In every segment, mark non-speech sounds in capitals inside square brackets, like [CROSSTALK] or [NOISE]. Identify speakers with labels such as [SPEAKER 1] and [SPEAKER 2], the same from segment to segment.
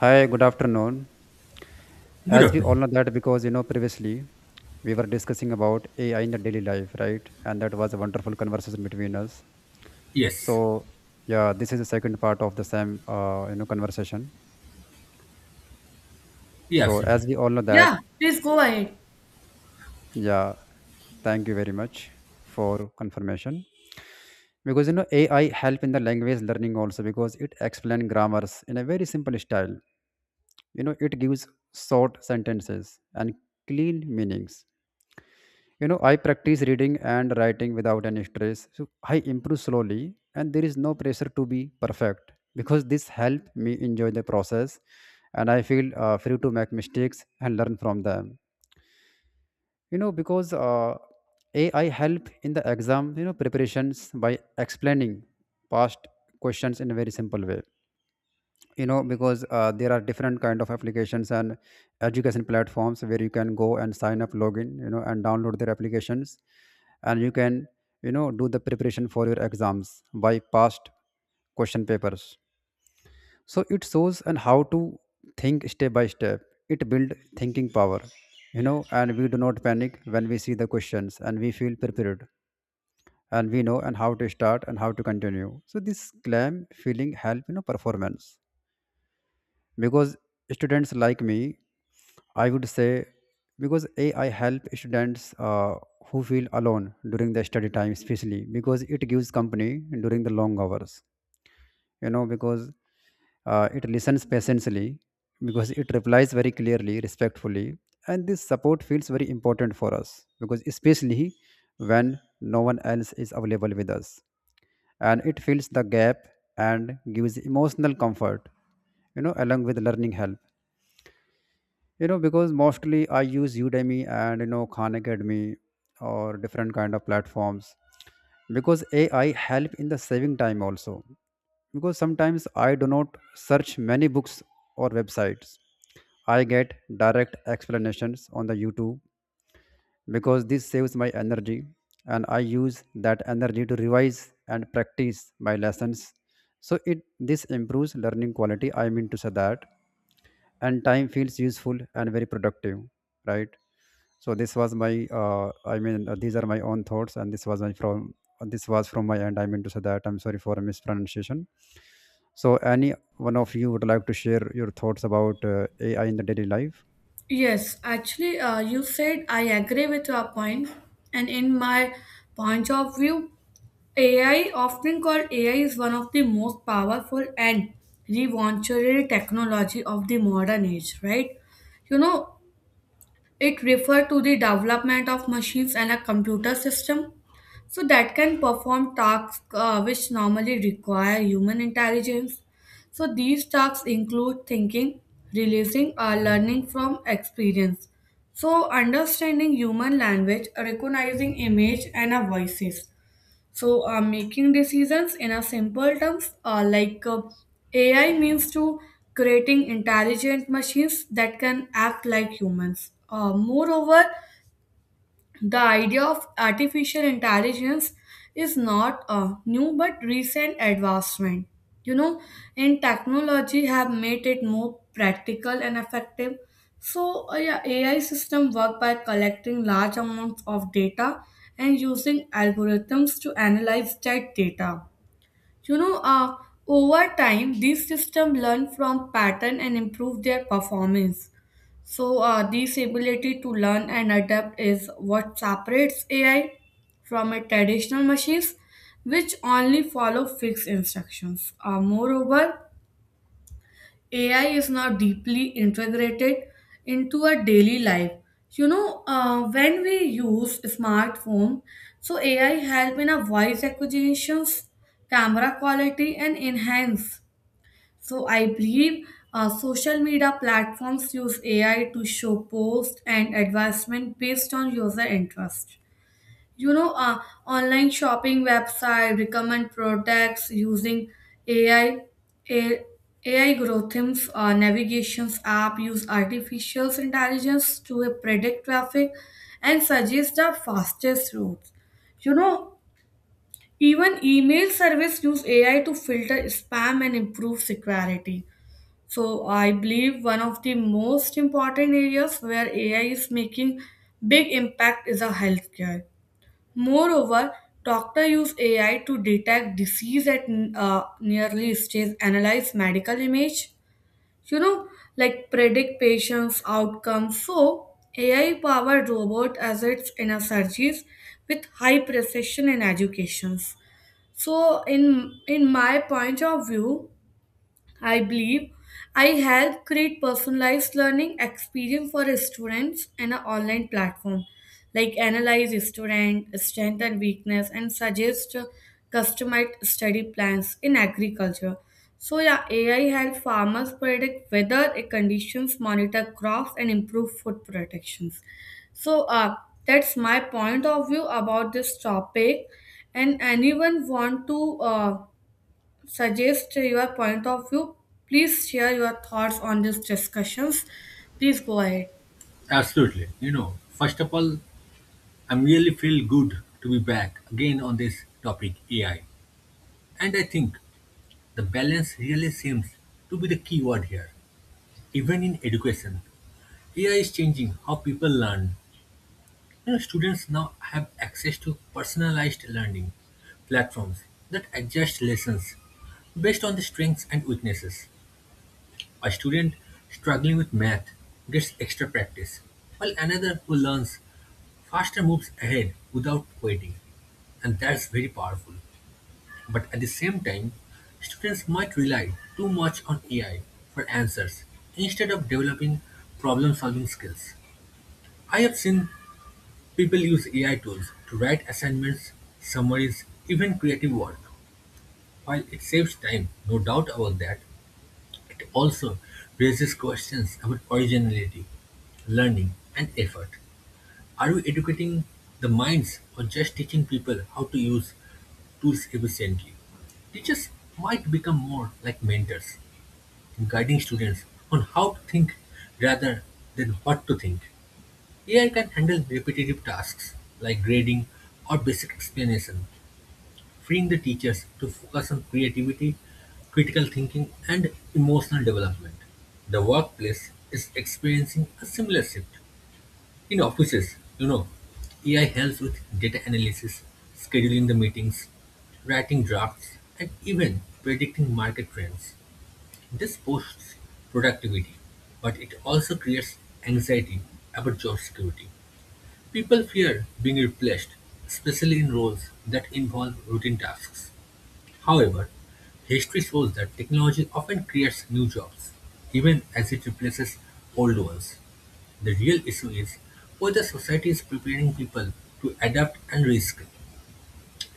[SPEAKER 1] Hi, good afternoon.
[SPEAKER 2] Good
[SPEAKER 1] As we all
[SPEAKER 2] afternoon.
[SPEAKER 1] know that because you know previously we were discussing about AI in the daily life, right? And that was a wonderful conversation between us.
[SPEAKER 2] Yes,
[SPEAKER 1] So yeah, this is the second part of the same conversation.
[SPEAKER 2] yeah,
[SPEAKER 1] So
[SPEAKER 2] absolutely.
[SPEAKER 1] as we all know that,
[SPEAKER 3] Yeah, please go ahead.
[SPEAKER 1] yeah, thank you very much for confirmation. Because you know AI help in the language learning also because it explain grammars in a very simple style. You know it gives short sentences and clean meanings. I practice reading and writing without any stress, so I improve slowly, and there is no pressure to be perfect because this help me enjoy the process. And I feel free to make mistakes and learn from them. You know because AI help in the exam preparations by explaining past questions in a very simple way. You know because There are different kind of applications and education platforms where you can go and sign up, login, and download their applications. And you can do the preparation for your exams by past question papers. So it shows and how to think step by step. It build thinking power. And we do not panic when we see the questions, and we feel prepared, and we know and how to start and how to continue. So this claim feeling help performance. Because students like me, I would say, because AI help students who feel alone during the study time, especially because it gives company during the long hours. You know because It listens patiently because it replies very clearly, respectfully. And this support feels very important for us because especially when no one else is available with us. And it fills the gap and gives emotional comfort, along with learning help. Because mostly I use Udemy and Khan Academy or different kind of platforms. Because AI help in the saving time also, because sometimes I do not search many books or websites. I get direct explanations on the YouTube because this saves my energy, and I use that energy to revise and practice my lessons. So it this improves learning quality, I mean to say that. And time feels useful and very productive, right? So this was my these are my own thoughts, and this was from my end, I mean to say that. I'm sorry for a mispronunciation. So any one of you would like to share your thoughts about AI in the daily life?
[SPEAKER 3] Yes, actually, you said I agree with your point, and in my point of view, AI, often called AI, is one of the most powerful and revolutionary technology of the modern age, right? You know, it refers to the development of machines and a computer system so that can perform tasks which normally require human intelligence. So these tasks include thinking, releasing, or learning from experience. So understanding human language, recognizing image and a voices. So, making decisions in a simple terms, like AI means to creating intelligent machines that can act like humans. Moreover, the idea of artificial intelligence is not a new but recent advancement. You know, and technology have made it more practical and effective. So, yeah, AI system work by collecting large amounts of data and using algorithms to analyze that data. You know, over time, these systems learn from pattern and improve their performance. So, this ability to learn and adapt is what separates AI from a traditional machines, which only follow fixed instructions. Moreover, AI is now deeply integrated into our daily life. You know, when we use smartphone, so AI help in a voice acquisitions, camera quality, and enhance so I believe social media platforms use AI to show posts and advertisement based on user interest. You know, online shopping website recommend products using AI. A- AI algorithms, navigations app use artificial intelligence to predict traffic and suggest the fastest routes. You know, even email service use AI to filter spam and improve security. So I believe one of the most important areas where AI is making big impact is a healthcare. Moreover, doctor use AI to detect disease at nearly stage, analyze medical image, you know, like predict patients' outcomes. So AI powered robot assets in a surgeries with high precision in educations. So in my point of view, I believe I help create personalized learning experience for students in an online platform, like analyze student strength and weakness and suggest customized study plans in agriculture. So yeah, AI help farmers predict weather conditions, monitor crops, and improve food protections. So that's my point of view about this topic. And anyone want to suggest your point of view. Please share your thoughts on these discussions. Please go ahead.
[SPEAKER 2] Absolutely. You know, first of all, I really feel good to be back again on this topic AI. And I think the balance really seems to be the key word here. Even in education, AI is changing how people learn. You know, students now have access to personalized learning platforms that adjust lessons based on the strengths and weaknesses. A student struggling with math gets extra practice, while another who learns faster moves ahead without waiting. And that's very powerful. But at the same time, students might rely too much on AI for answers instead of developing problem solving skills. I have seen people use AI tools to write assignments, summaries, even creative work. While it saves time, no doubt about that, it also raises questions about originality, learning, and effort. Are we educating the minds or just teaching people how to use tools efficiently? Teachers might become more like mentors, guiding students on how to think rather than what to think. AI can handle repetitive tasks like grading or basic explanation, freeing the teachers to focus on creativity, critical thinking, and emotional development. The workplace is experiencing a similar shift. In offices, you know, AI helps with data analysis, scheduling the meetings, writing drafts, and even predicting market trends. This boosts productivity, but it also creates anxiety about job security. People fear being replaced, especially in roles that involve routine tasks. However, history shows that technology often creates new jobs, even as it replaces old ones. The real issue is whether society is preparing people to adapt and reskill.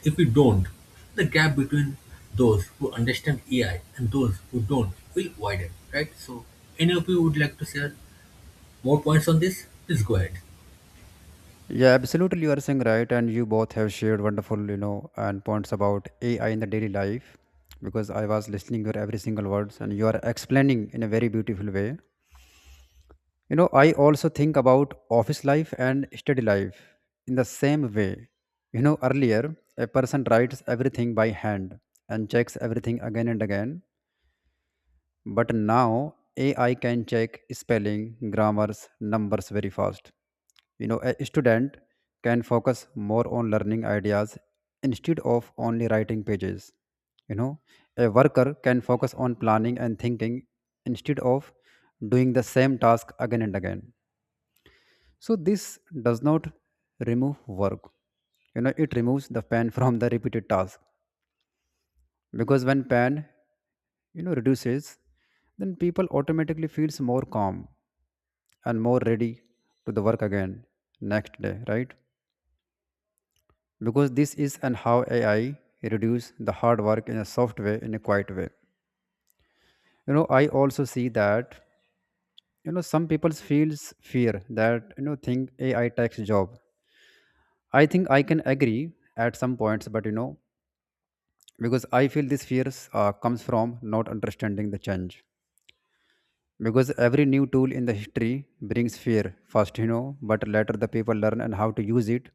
[SPEAKER 2] If we don't, the gap between those who understand AI and those who don't will widen, right? So, any of you would like to share more points on this? Please go ahead.
[SPEAKER 1] Yeah, absolutely. You are saying right, and you both have shared wonderful, you know, and points about AI in the daily life. Because I was listening your every single words, and you are explaining in a very beautiful way. You know, I also think about office life and study life in the same way. You know, earlier a person writes everything by hand and checks everything again and again, but now AI can check spelling, grammars, numbers very fast. A student can focus more on learning ideas instead of only writing pages. you know a worker can focus on planning and thinking instead of doing the same task again and again. So this does not remove work. It removes the pain [LAUGHS] from the repeated task, because when pain reduces, then people automatically feels more calm and more ready to the work again next day, right? Because this is and how AI reduce the hard work in a soft way, in a quiet way. You know, I also see that some people feels fear that think AI takes job. I think I can agree at some points, but you know, because I feel this fears comes from not understanding the change. Because every new tool in the history brings fear first, but later the people learn and how to use it.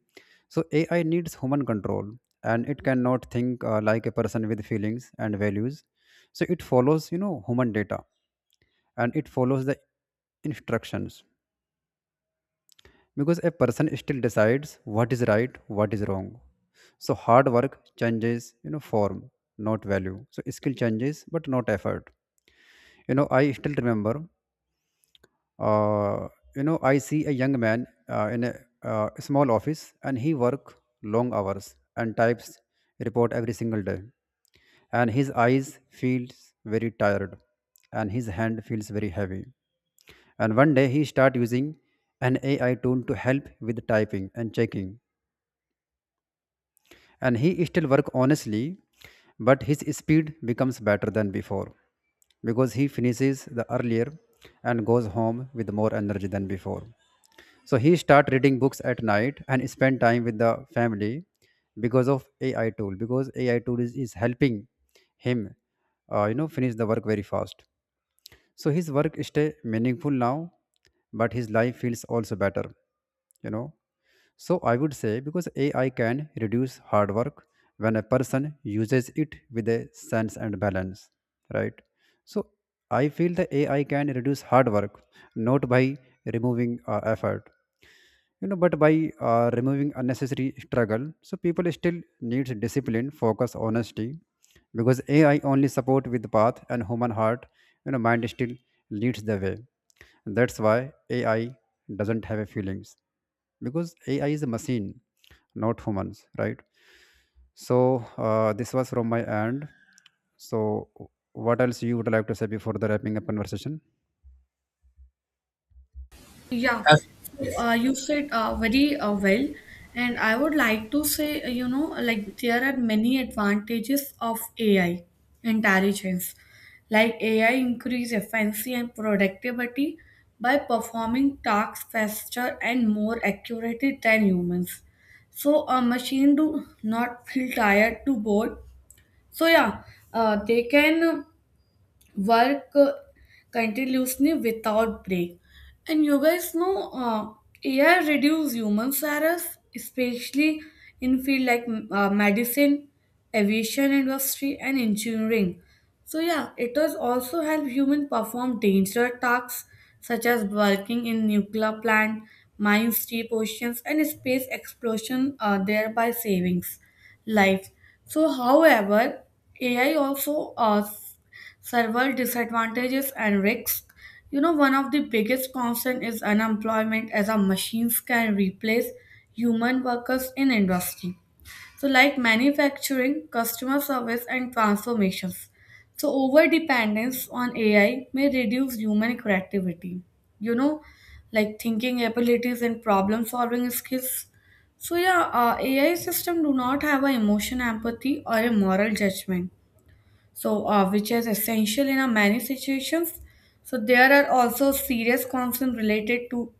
[SPEAKER 1] So AI needs human control, and it cannot think like a person with feelings and values. So it follows human data, and it follows the instructions, because a person still decides what is right, what is wrong. So hard work changes form, not value. So skill changes but not effort. I still remember Uh, I see a young man in a small office, and he work long hours and types report every single day. And his eyes feels very tired, and his hand feels very heavy. And one day he start using an AI tool to help with typing and checking. And he still work honestly, but his speed becomes better than before, because he finishes the earlier and goes home with more energy than before. So he start reading books at night and spend time with the family because of AI tool. Because AI tool is helping him, finish the work very fast. So his work stay meaningful now, but his life feels also better, you know. So I would say because AI can reduce hard work when a person uses it with a sense and balance, right? So I feel the AI can reduce hard work not by removing effort, but by removing unnecessary struggle. So people still needs discipline, focus, honesty, because AI only support with the path, and human heart, mind still leads the way. That's why AI doesn't have a feelings, because AI is a machine, not humans, right? So this was from my end. So what else you would like to say before the wrapping up conversation?
[SPEAKER 3] Yeah,
[SPEAKER 2] As,
[SPEAKER 3] so
[SPEAKER 2] yes,
[SPEAKER 3] you said very well, and I would like to say, you know, like there are many advantages of AI intelligence. Like AI increase efficiency and productivity by performing tasks faster and more accurately than humans. So a machine do not feel tired, too bored, so yeah, they can work continuously without break. And you guys know AI reduce human errors, especially in field like medicine, aviation industry, and engineering. So yeah, it does also help human perform dangerous tasks such as working in nuclear plant, mine steep oceans, and space exploration, thereby savings life. So, however, AI also several disadvantages and risks. You know, one of the biggest concern is unemployment as our machines can replace human workers in industry. So, like manufacturing, customer service, and transformations. So, over dependence on AI may reduce human creativity. You know, like thinking abilities and problem solving skills. So, yeah, AI system do not have a emotion empathy or a moral judgment so which is essential in a many situations. So there are also serious concerns related to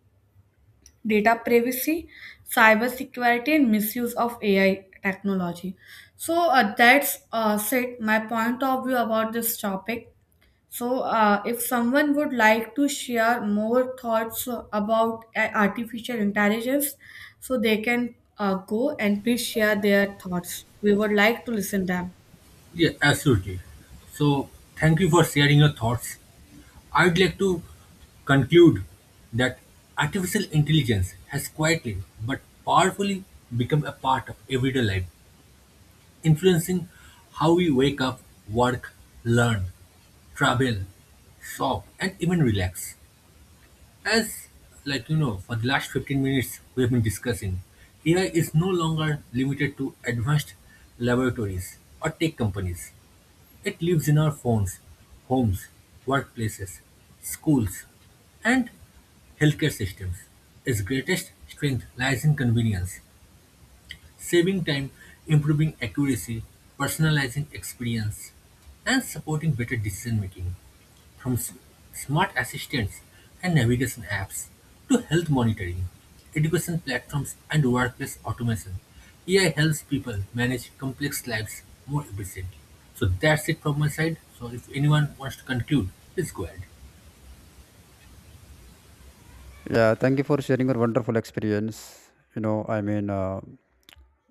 [SPEAKER 3] data privacy, cyber security, and misuse of AI technology. So that's said my point of view about this topic. So if someone would like to share more thoughts about artificial intelligence, so they can go and please share their thoughts. We would like to listen them.
[SPEAKER 2] yeah, absolutely. So, thank you for sharing your thoughts. I'd like to conclude that artificial intelligence has quietly but powerfully become a part of everyday life, influencing how we wake up, work, learn, travel, shop, and even relax. As like you know, for the last 15 minutes we have been discussing, AI is no longer limited to advanced laboratories or tech companies. It lives in our phones, homes, workplaces, schools, and healthcare systems. Its greatest strength lies in convenience, saving time, improving accuracy, personalizing experience, and supporting better decision making. From smart assistants and navigation apps to health monitoring, education platforms, and workplace automation, AI helps people manage complex lives more efficiently. So that's it from my side. So if anyone wants to conclude, please go ahead.
[SPEAKER 1] Yeah, thank you for sharing your wonderful experience. You know, I mean, uh,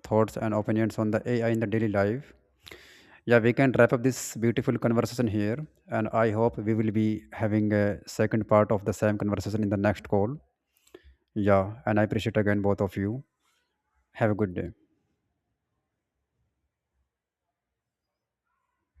[SPEAKER 1] thoughts and opinions on the AI in the daily life. Yeah, we can wrap up this beautiful conversation here. And I hope we will be having a second part of the same conversation in the next call. Yeah. And I appreciate again both of you. Have a good day.